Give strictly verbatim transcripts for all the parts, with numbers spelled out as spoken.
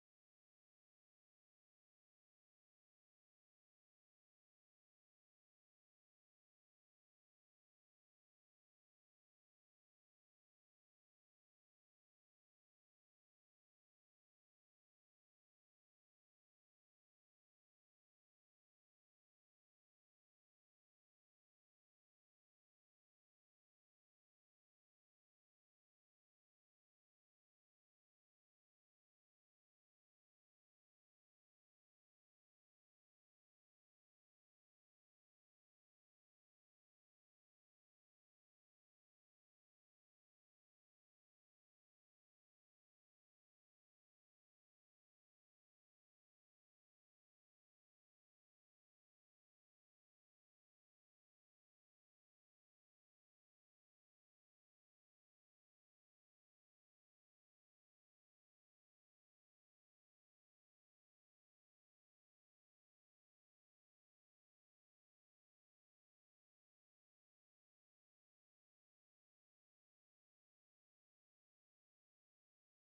Welcome back to uh, Tech Talk, the podcast where we deep dive into the world of technology, innovation, and how it is shaping our future. I'm your host, Sandeep, and today we are talking about something that is already uh, transforming every part of our life, and that is artificial intelligence. From self uh, driving car to virtual assistants A I is everywhere, but what? But what does it really mean for us as a human? To explore this, I am joined by two amazing guests Pooja, a data scientist who is been working with A I for last five years, and other guest is Vikrant, an A I ethics expert who is worked who has worked on project involving A I in healthcare and education. So let's get started.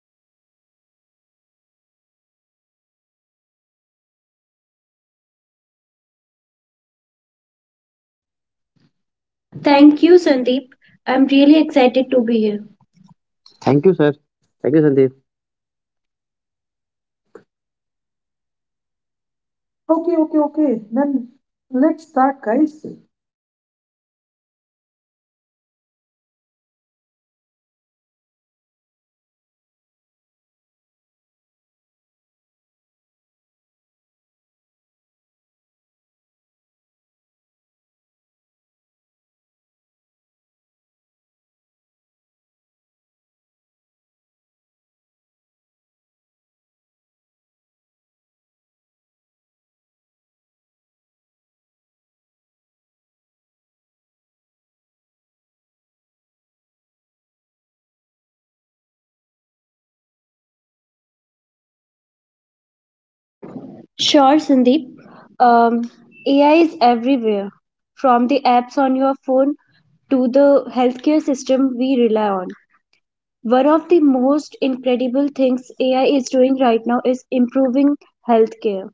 And I would like to welcome to Pooja and Vikrant. Welcome in the show, Pooja and Vikrant. Thank you, Sandeep. I'm really excited to be here. Thank you, sir. Thank you, Sandeep. Okay, Okay, okay, okay, okay. okay. Then Then let's let's start, start, guys. guys. So, as you know, um, let's kick things off by looking at how A I is impacting our life, day to day lives. We all use A I in some way without even realizing it. So, Pooja, I know you have worked a lot with A I in tech companies. So, could you please share how A I is changing the way we live, especially in field like healthcare and entertainment? Sure, Sandeep. Um, A I is everywhere, from the apps on your phone to the healthcare system we rely on. One of the most incredible things A I is doing right now is improving healthcare.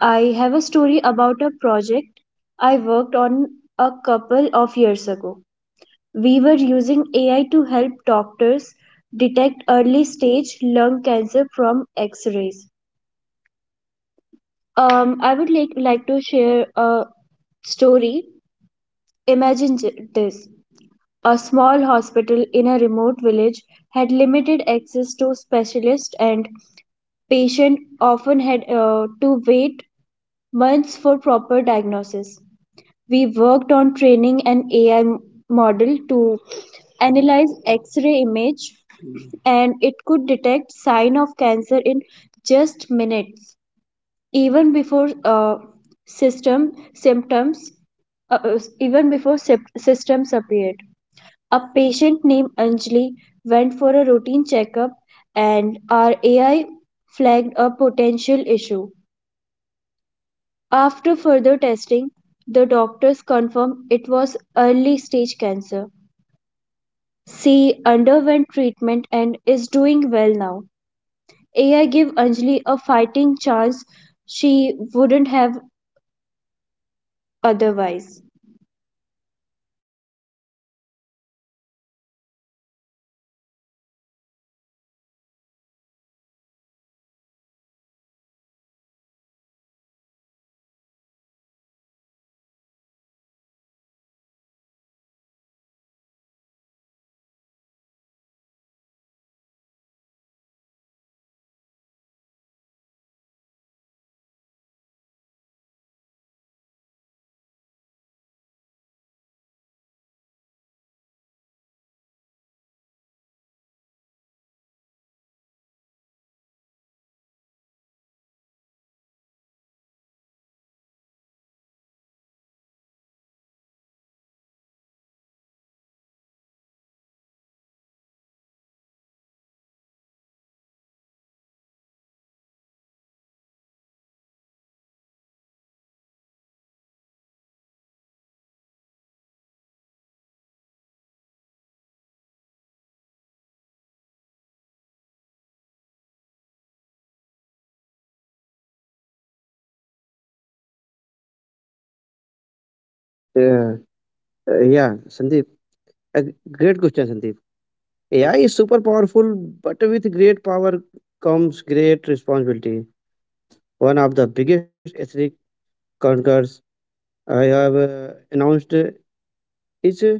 I have a story about a project I worked on a couple of years ago. We were using A I to help doctors detect early stage lung cancer from X-rays. Um, I would like like to share a story. Imagine j- this. A small hospital in a remote village had limited access to specialists, and patient often had uh, to wait months for proper diagnosis. We worked on training an A I model to analyze X-ray image, and it could detect sign of cancer in just minutes, even before uh, system symptoms uh, uh, even before sep- systems appeared. A patient named Anjali went for a routine checkup, and our A I flagged a potential issue. After further testing, the doctors confirmed it was early stage cancer. She underwent treatment and is doing well now. A I gave Anjali a fighting chance she wouldn't have otherwise. Uh, that's an uh, incredible uh, uh, Puja, and uh, I, I I understand that uh, A I has brought us a very uh, great uh, technologies, and yes, uh, that was a great that Anjali has be- has uh, um, uh, identified the issues, and uh, she was treated well, and Uh, A I has really done a great job there. Uh, so A I is not just about uh, robots or uh, voice assistants. It is uh, literally saving lives, as you already shared. But uh, Vikrant, you worked on uh, ethical side of A I. A I is amazing. We trust A I, but there are definitely some concern about it. Uh, like some concern about its uh, role in our uh, society. So, uh, I would like to know what is your uh, take on this uh, ethical challenges uh, we face with A I? Uh, uh, yeah, Sandeep. A g- great question, Sandeep. A I is super powerful, but with great power comes great responsibility. One of the biggest ethnic conquerors I have uh, announced uh, is uh,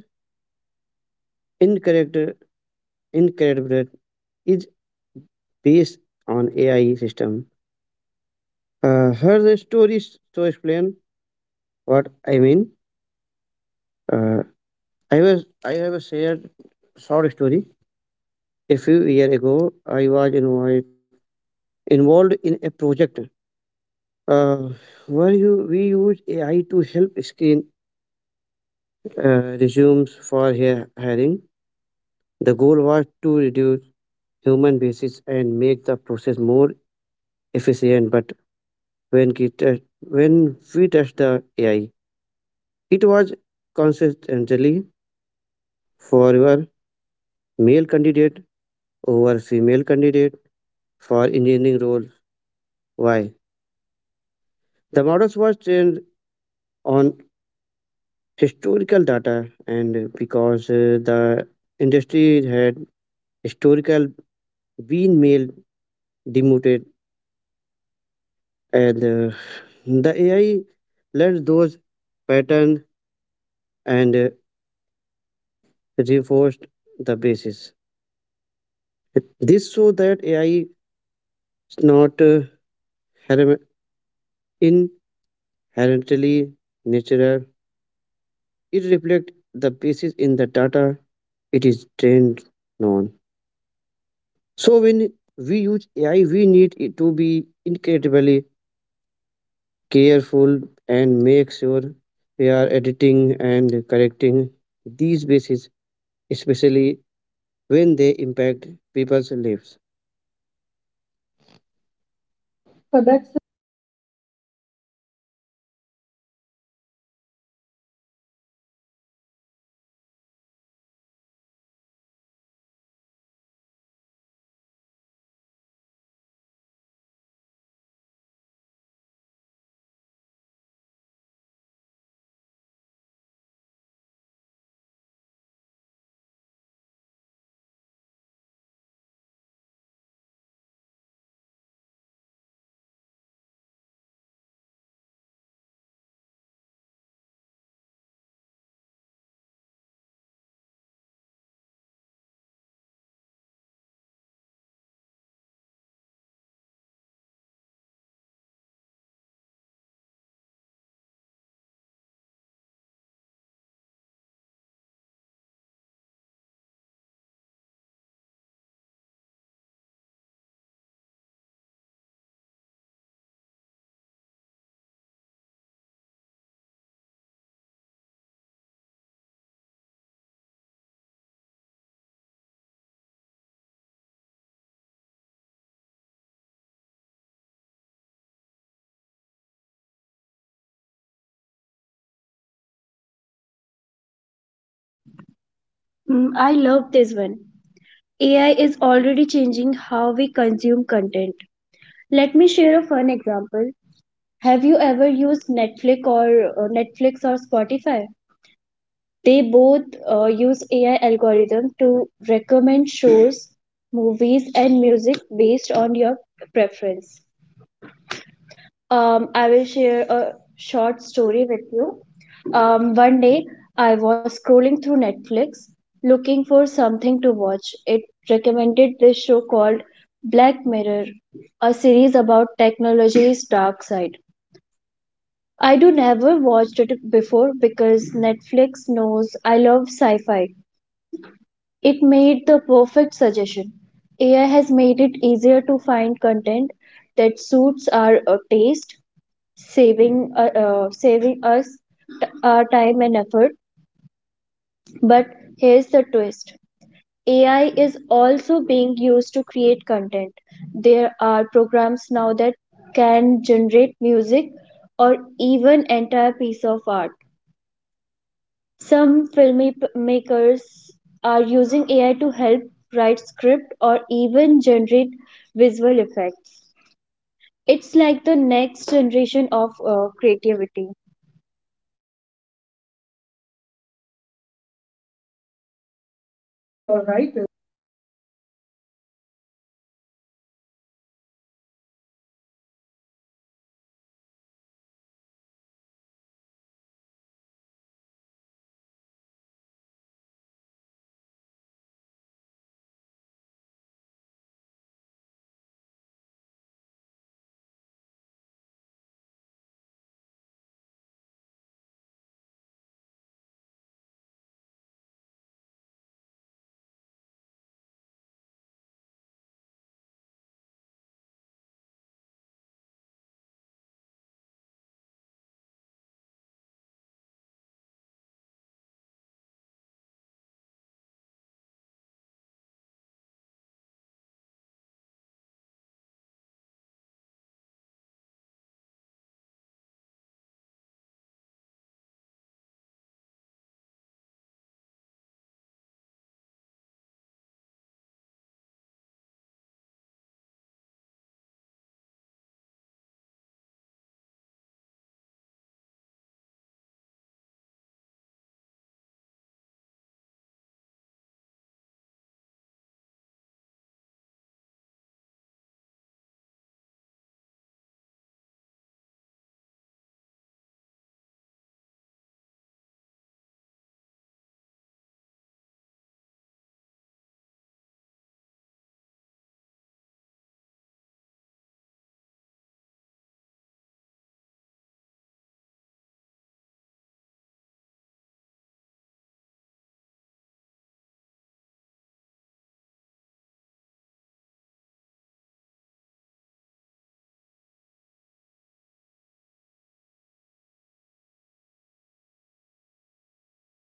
incorrect, incorrect is based on A I system. Uh, her story is to explain what I mean. Uh, I was I have a shared short story. A few years ago, I was involved, involved in a project uh, where you, we used A I to help screen uh, resumes for hi- hiring. The goal was to reduce human basis and make the process more efficient. But when, it, uh, when we touched the A I, it was consistently favor male candidate over female candidate for engineering roles. Why? The models was trained on historical data, and because uh, the industry had historical been male demoted, and uh, the ai learned those pattern, and uh, reinforced the basis this, so that ai is not uh, herem- inherently natural. It reflects the basis in the data it is trained on. So when we use ai, we need it to be incredibly careful and make sure we are editing and correcting these bases, especially when they impact people's lives. Uh, But that's that's uh, a really uh, important point, uh, uh, Vikrant. And also, I would like to add that yes, uh, there there are some. Uh, uh, mm, see, uh, A I is not uh, completely uh, the uh, A I li- A I itself is not uh, complete. So we have to audit whatever the A I taking the action, uh, whatever A I is doing. Yes, there is there should be a human who can audit audit whether A I has taken the correct action or not. And also, uh, there is something that is missing, like uh, some emotions are missing in the A I. So we cannot add a emotion in the A I. Um, so we we we need to understand that uh, A I is not perfect, and if we do not have uh, check it biases, it could harm people especially in area like hiring, or law enforcement. But let's shift gear for a second. So, Pooja, let's talk about something more fun about how do you see A I changing entertainment like movies or video games? Mm, I love this one. A I is already changing how we consume content. Let me share a fun example. Have you ever used Netflix or uh, Netflix or Spotify? They both uh, use A I algorithm to recommend shows, movies, and music based on your preference. Um, I will share a short story with you. Um, one day, I was scrolling through Netflix looking for something to watch. It recommended this show called Black Mirror, a series about technology's dark side. I do never watched it before. Because Netflix knows I love sci-fi, it made the perfect suggestion. A I has made it easier to find content that suits our uh, taste, saving uh, uh, saving us t- our time and effort. But here's the twist, ai is also being used to create content. There are programs now that can generate music or even entire piece of art. Some filmmakers are using ai to help write script or even generate visual effects. It's like the next generation of uh, creativity. Okay, okay, all all right. right. Uh, that's a great story. I would like to add one more story uh, here. As uh, uh, recently, I have uh, uh, re uh, I have uh, read a book. Um that is a fact in uh, uh, as a lady was from uh, a European country. Uh, she uh, got broken up with her uh, boyfriend, and once she got uh, broken up with her, with, with her boyfriend, and she was the uh, she was using all the social media and everything. So she uh, wrote, but she was getting some spam calls and spam messages, and she was getting uh, so many uh, emails regarding some advertisement, whatever she was searching on Google, whatever she was talking to her boyfriend. Related to those uh, things, the uh, algorithm was showing everything on her feed. Uh, she wrote an email to the social media uh, company, and uh, continuously she keep uh, writing emails to social media company, and one day the social media company has to reply uh, her email due to strict rule in U S. And when sh- uh, sh- when uh, she requested the social media company that she need the data whatever they have, then they have provided all the data, and she got to know, and she was completely surprised. She shared her thought that AI knows everything more than herself. Ai know ai knew, know that at what time she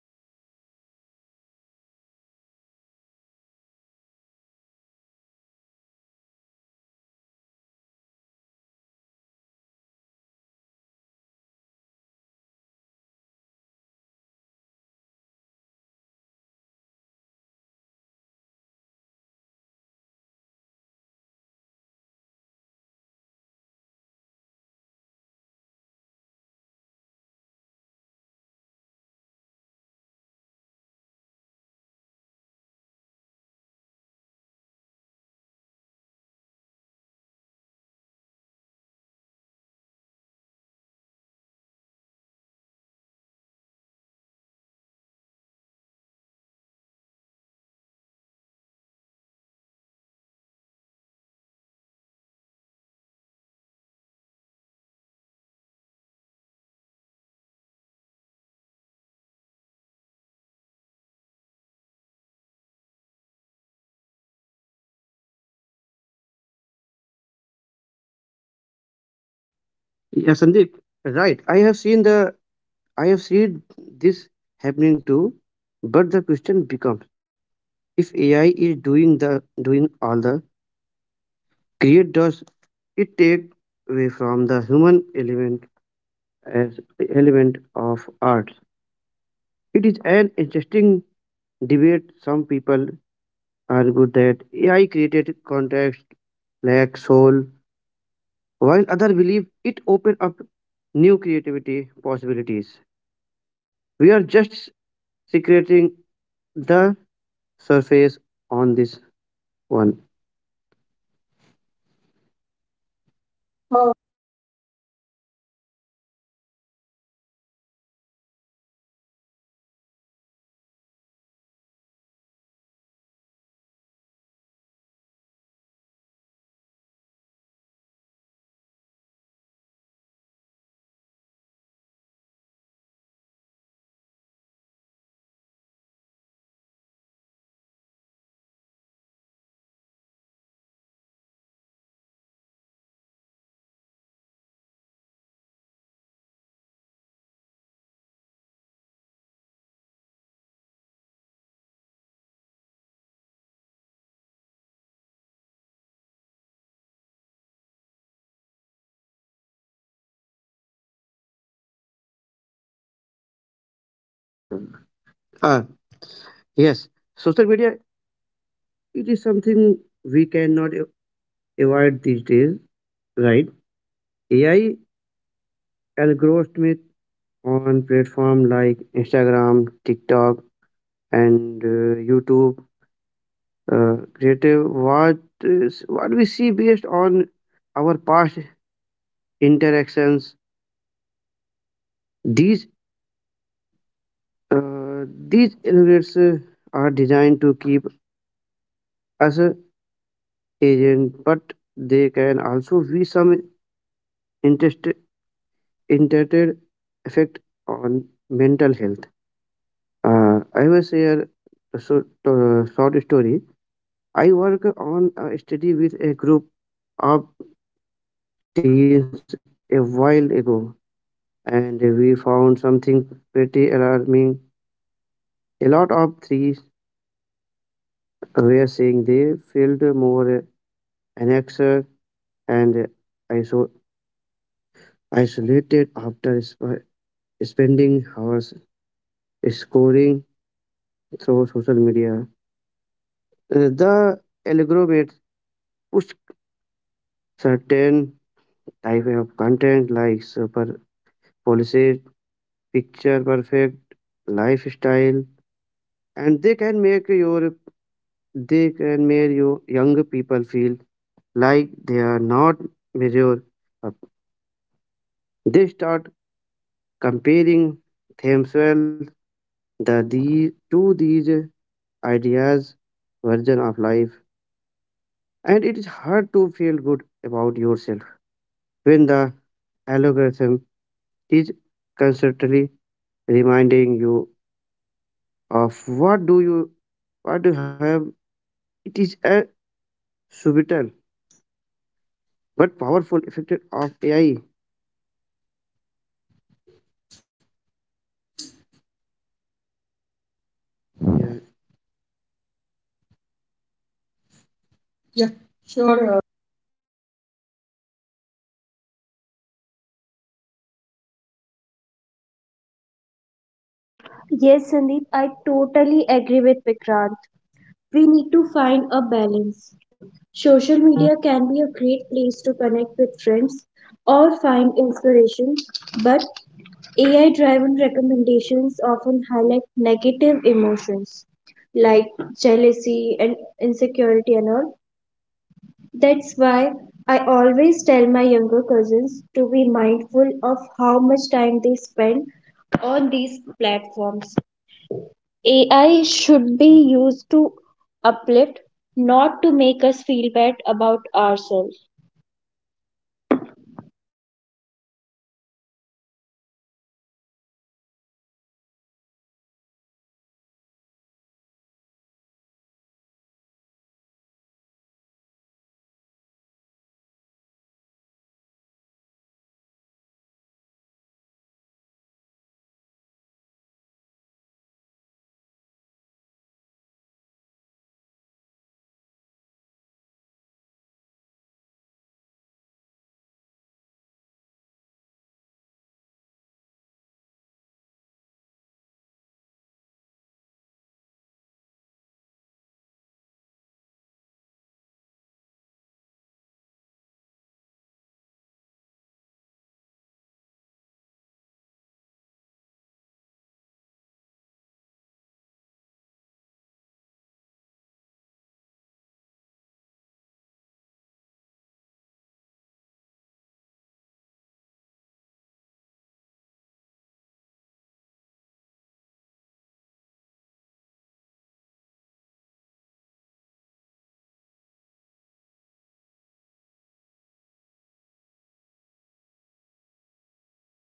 go for shopping, at what time she talked to her boyfriend, at what time she hang up she hang up with uh, her friends, and et cetera et cetera. So many things were came uh, came in her way, and she was uh, really surprised with with those things. So yeah, I I understand that if there is uh, something so many positives with the A I, then there are so many negatives also. Whatever we do on social media, that cash and cookies are uh, are uh, catch all the activities, and they show all the uh, things whatever we have searched on Google, whatever we have talked to our friends. So yes, AI has gone uh, over the roof, and AI has completely, I would say that, uh, I- ai has completely uh, covered the human. Okay, so uh, Vikrant, uh, uh, what what is your uh, thought on this? Uh, yeah, Sandeep, right. I have seen the I have seen this happening too, but the question becomes, if A I is doing the doing all the create, does it take away from the human element as element of art. It is an interesting debate. Some people argue that ai created context lacks soul, while others believe it opened up new creativity possibilities. We are just secreting the surface on this one. Uh, yeah, that's a, a great point, uh, uh, Vikrant. Um, it is like uh, A I could be a tool for creativity, but there is always that human spark that make art special. Now, I want to talk about something we all have uh, personal experience with social media. So, Vikrant, uh, A I is also influencing how we interact online. As I, I have already shared the uh, um, uh, a story or you can say a fact that A I knows everything. What impacts do you think uh, A I has on social media, especially when it comes to the mental health? Ah, yes, social media, it is something we cannot a- avoid these days, right? AI algorithms on platform like Instagram, TikTok, and uh, YouTube uh, creative what is what we see based on our past interactions. These uh, these innovators uh, are designed to keep us uh, agent, but they can also be some interest intended effect on mental health. uh, I will share a short, uh, short story. I work on a study with a group of teens a while ago, and we found something pretty alarming. A lot of threes were saying they felt more anxious and iso- isolated after sp- spending hours scoring through social media. Uh, The algorithm pushed certain type of content like super policies, picture perfect lifestyle, and they can make your they can make you young people feel like they are not mature up. They start comparing themselves the, the, to these ideas version of life. And it is hard to feel good about yourself when the algorithm is constantly reminding you of what do you what do you have. It is a subtle but powerful effect of A I. Yeah. Yeah, Yeah, sure, sure. uh, Vikrant, you have shared your thought. Pooja, um, what what do you agree with uh, Vikrant? What is your thought? Yes, Sandeep, I totally agree with Vikrant. We need to find a balance. Social media can be a great place to connect with friends or find inspiration, but A I driven recommendations often highlight negative emotions like jealousy and insecurity and all. That's why I always tell my younger cousins to be mindful of how much time they spend on these platforms. A I should be used to uplift, not to make us feel bad about ourselves. Yeah, we really need to take care the younger one, and we need to suggest them what what platform they need to use. As I have seen that so many unauthorized platform are, are also uh, on uh, available on the social media like uh, so uh, uh, I always suggest to younger one or or anyone that uh, we need to uh, uh, use only those social media which are authorized, and uh, those are the one which are trusted. So uh, also uh, uh, uh, we de- uh, we definitely n- uh, need to have more uh, awareness around uh, how AI shape our experiences online. So before we uh, uh, so before we start the uh, using the A I, we need to uh, check the rating on uh, uh, check the rating of those particular A Is. We need to uh, think whether it's uh, right or wrong. Whenever you will, you have uh, seen many uh, application. Whenever you download an application, then they ask for some permission like uh, your contact details, your uh, camera,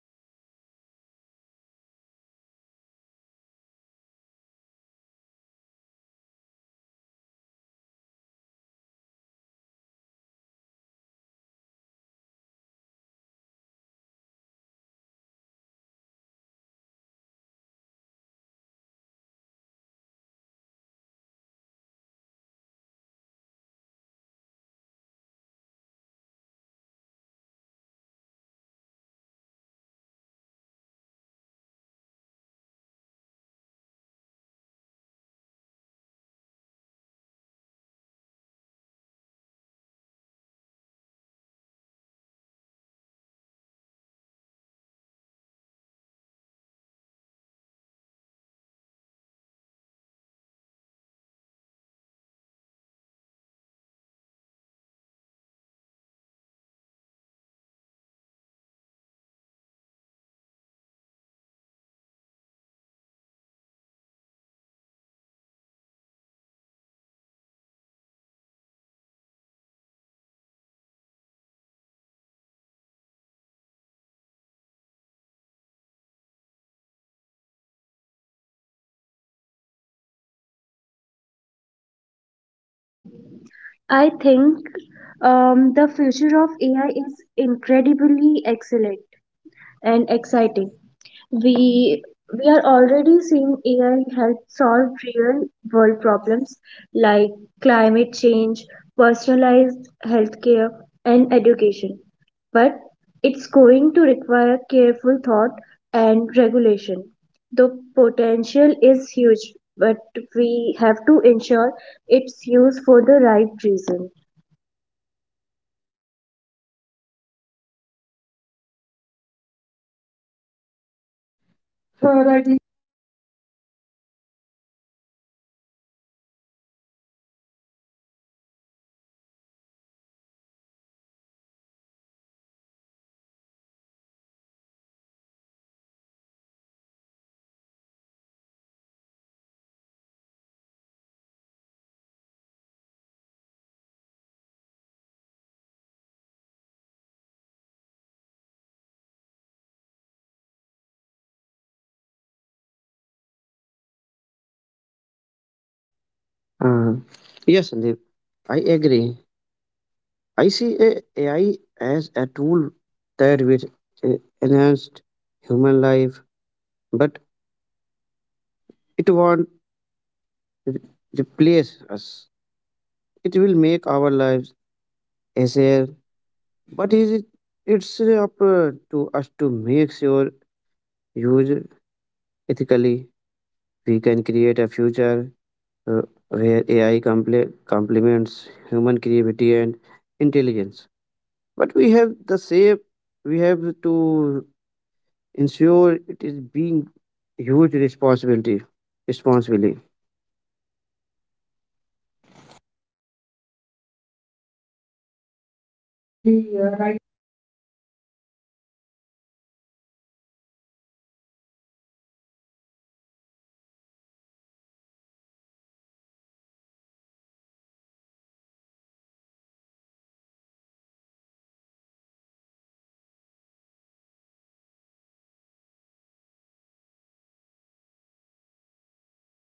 uh, until unless you will not allow them to use your cash and cookies, they will- you will not be able to use some um, some um, uh, applications. So y- you need to uh, really take care of this. Mm, yes, this is the uh, technology world, but also w- we we should not work like a w- work like robot. We need to uh, understand. We need to know what exactly uh, we are doing. And before uh, giving permission to any uh, social media, we need to uh, uh, really we, we really need to take care of these things, right? And we need to share some uh, awareness to our family friends or whatever uh, in our uh, surroundings. Uh, okay, uh, so uh, I want to ask you both uh, what is the future of AI? Are we uh, headed towards upon a uh, towards a, a utopia, or we are looking at a world where technology overtakes humanity? So, Pooja, what is your thought? I think um, the future of A I is incredibly excellent and exciting. We we are already seeing A I help solve real world problems like climate change, personalized healthcare, and education. But it's going to require careful thought and regulation. The potential is huge, but we have to ensure it's used for the right reason. Uh, Uh, rightly. rightly said, uh, Pooja. Uh, yes, it is uh, very important that uh, uh, we we should understand what what uh, um, what are the good and what are the uh, negative things A I, and we should make sure that we need to only we need to uh, use the A I for positive uh, incomes. Okay, uh, Vikrant, let's uh, move to you. What what is your thought, and uh, do you agree with Pooja? Uh, yes, Sandeep, I agree. I see a AI as a tool that will uh, enhance human life, but it won't re- replace us. It will make our lives easier, but is it, it's up uh, to us to make sure use ethically. We can create a future uh, where A I comple- complements human creativity and intelligence. But we have the same we have to ensure it is being huge responsibility responsibility. Absolutely Absolutely you're uh, right. right, uh, Vikrant. I do agree with you. Uh, uh, okay, uh, s- okay, uh, okay, Vikrant. Such a great. Uh, uh, I I would say that i- it is such a great uh, uh, topic we we are talking today. So,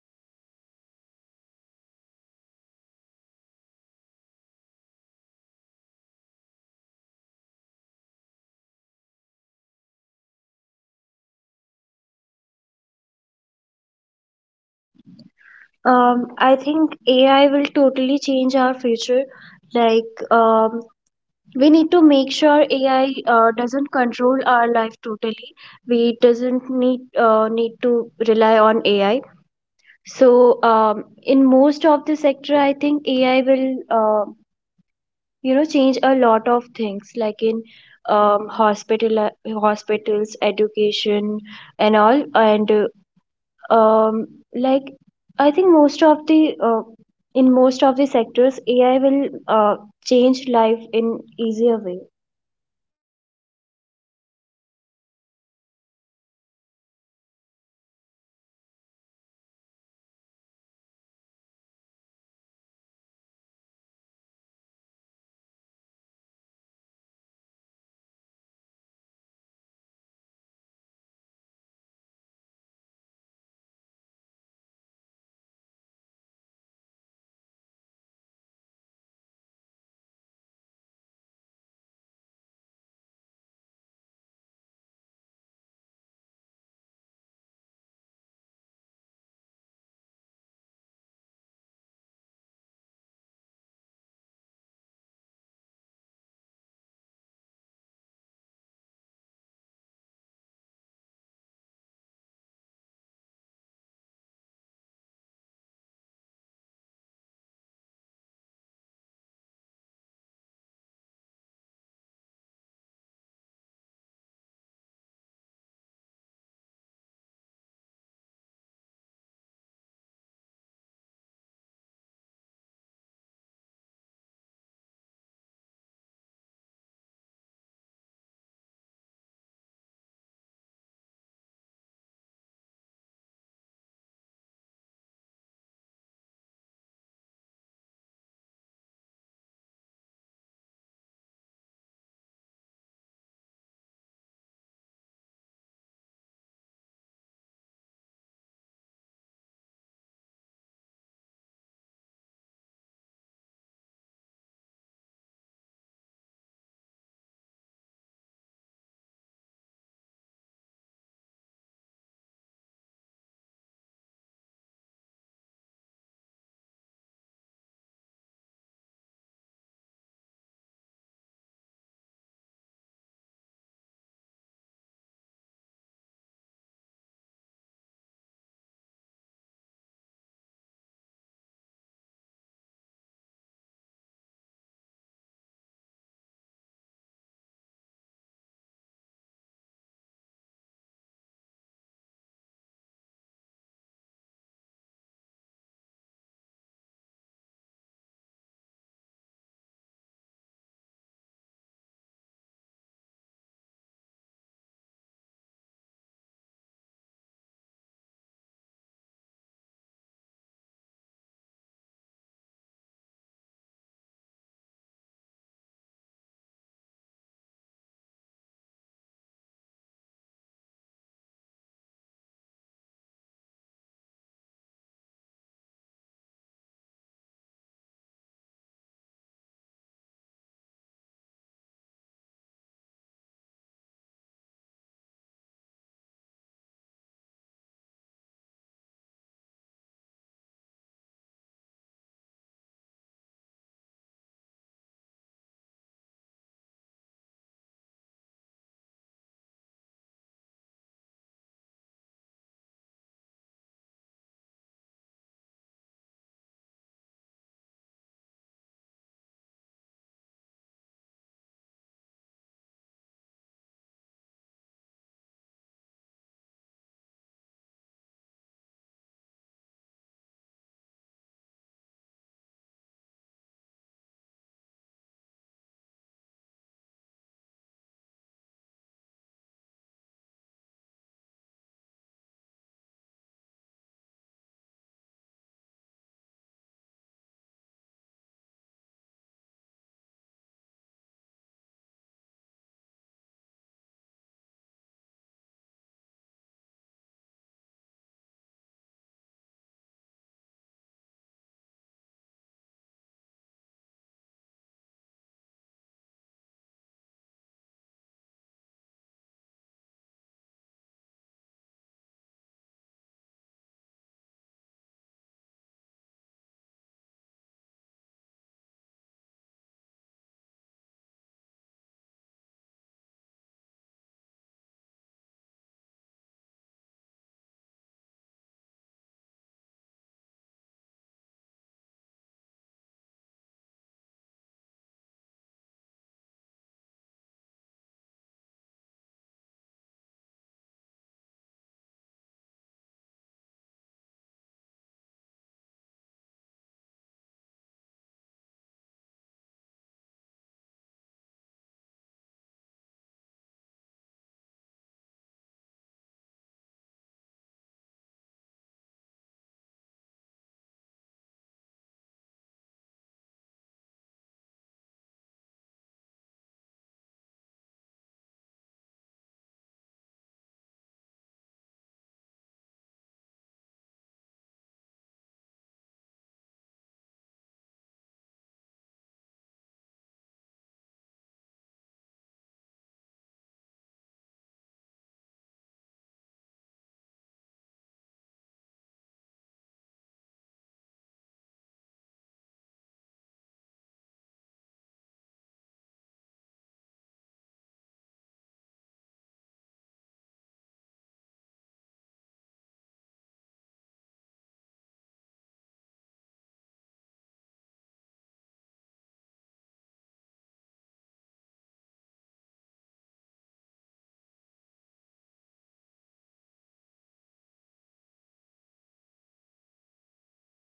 what what uh, do you think? Uh, I think what what is your thought on this, uh, Pooja, about A I? Um, what what are you looking in the future? Um, I think A I will totally change our future. Like um, we need to make sure A I uh, doesn't control our life totally. We doesn't need uh, need to rely on A I. So um, in most of the sector, I think A I will uh, you know change a lot of things, like in um, hospital hospitals, education, and all. And uh, um, like I think most of the uh, in most of the sectors, A I will uh, change life in easier way. Uh, yes, Pooja rightly said. Uh, Also, I I think uh, uh, I have I, I also have some points like uh, uh, mm, how can we use the A I smartly? So be I I would say that be clear ab- about what you uh, want, as A I works best uh, with specific questions like Uh, explain quad, uh, quadratic equation. We can use the AI in education, and i, I would I, I would suggest that, that uh, use AI to learn, not to just finish work. Uh, smart we, we really need to use smartly. uh, mm, what are the good uses? If I talk about, then asking for explanation or in similar word, like you have, if there is something that is complicated you can put on uh, A I and you can ask to explain those uh, words in simple. Get some example which you can relate to your uh, real life. Practicing with uh, quiz questions, checking your uh, reasonings. You can uh, uh, and so uh, Ask A I to think with you. You can say things like, "Help me plan how to solve this. Don't give the final answer. Can you point out? Uh, can you point out mistake, any uh, uh, thinking? Explain this like I am thirteen." This builds skill instead of shortcuts. Double check is important. As uh, i i always say that, we need to trust but always need to verify. If you are taking any action, you are doing anything with AI, then uh, be, before reaching the con- uh, conclusion, uh, we need to verify the facts. um, Use uh, textbooks or teacher notes as the final authority. Does this actually make sense? Use A I for creativity and practice, uh, great, smart uses. Uh, Brainstorm ad, uh, story ideas, improving uh, writing, grammar clarity, learn how to code step by step, practi- uh, practicing interviews or presentations. Make my paragraph clear, but keep my uh, original ideas. Like, if you have any uh, ideas and you want to write it down, then you can rephrase it. Don't uh, i al- i always say that, don't rely on it for everything. Ai if AI does all the thinkings, your skill don't grow. So we need to make a younger understand that whatever the uh, they are uh, doing on AI, first they need to try themselves, then they they need they should uh, check with AI. You can uh, check the spelling, you can check the grammar. But you're not looking for the complete content on the A I only. Else, you will work like a robot, not as a human. And be honest and responsible in s- in your school. Uh, uh, y- uh, Follow them. Ask your teacher if unsure. Use A I as study tool, not a cheating tool. So, uh, smart A I use help you understand better, not avoid learning. If you want. Uh, so these actions can be very helpful, and you can use uh, A I smartly. Um, so I would say that this was a very uh, great uh, conversation with uh, Pooja, you, and Vikrant. Thank you so much for uh, joining me on Tech Talk. Let's clear that A I is double-edged sword. It can offer amazing benefit if you are using it uh, in a positive way. Then it can offer you a great ideas, great benefit. It it will be become a lifesaver, but also uh, presents some serious ethical and s- uh, s- uh, societal challenges, like a- AI cannot uh, understand your emotion emotion only can be understand by a human and human brain. So maybe in the future AI will be uh, improved, but right now we cannot say we can uh, fully uh, dependent uh, we can be fully dependent on AI. We need to uh, we need we we should use AI as a uh, help helpful tool. We should not use as a as a uh, as a uh, as your as as your uh, com- as your um, action. But if we approach it right way, I think we can unlock it. It is full potential without losing what makes us human. So they, that is the great big difference between AI and human. So we are human,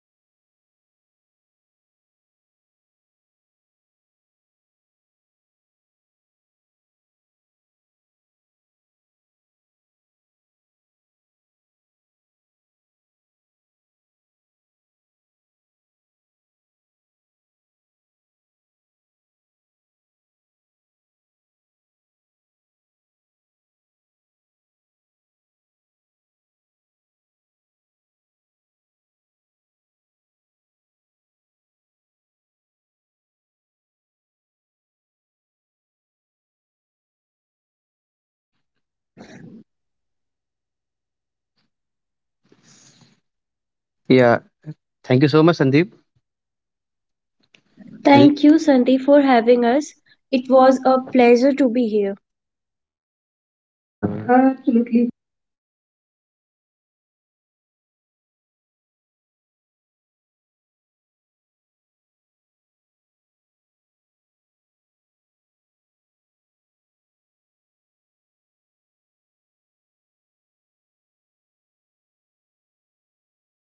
we have created the AI, and we should use AI responsibly. And we also need to um, share the thoughts with our family, with our friends, with our colleagues. So whoever in whoever available in the uh, society. Society. Thank you uh, for having me uh, in this session, and thank you so much for coming in this particular session, Vikrant and Pooja. It was a great fun with you guys. Thank you so much for joining in. Yeah, thank you so much, Sandeep. Thank Thank you, you, Sandy, Sandeep, for for having having us. It was a pleasure to be here. us. Uh, Uh, absolutely Absolutely, and thanks to all of our listener for tuning in. Until next time, stay curious and stay safe. This is Sandeep signing off from Tech talk. Thank you. Bye bye. See you.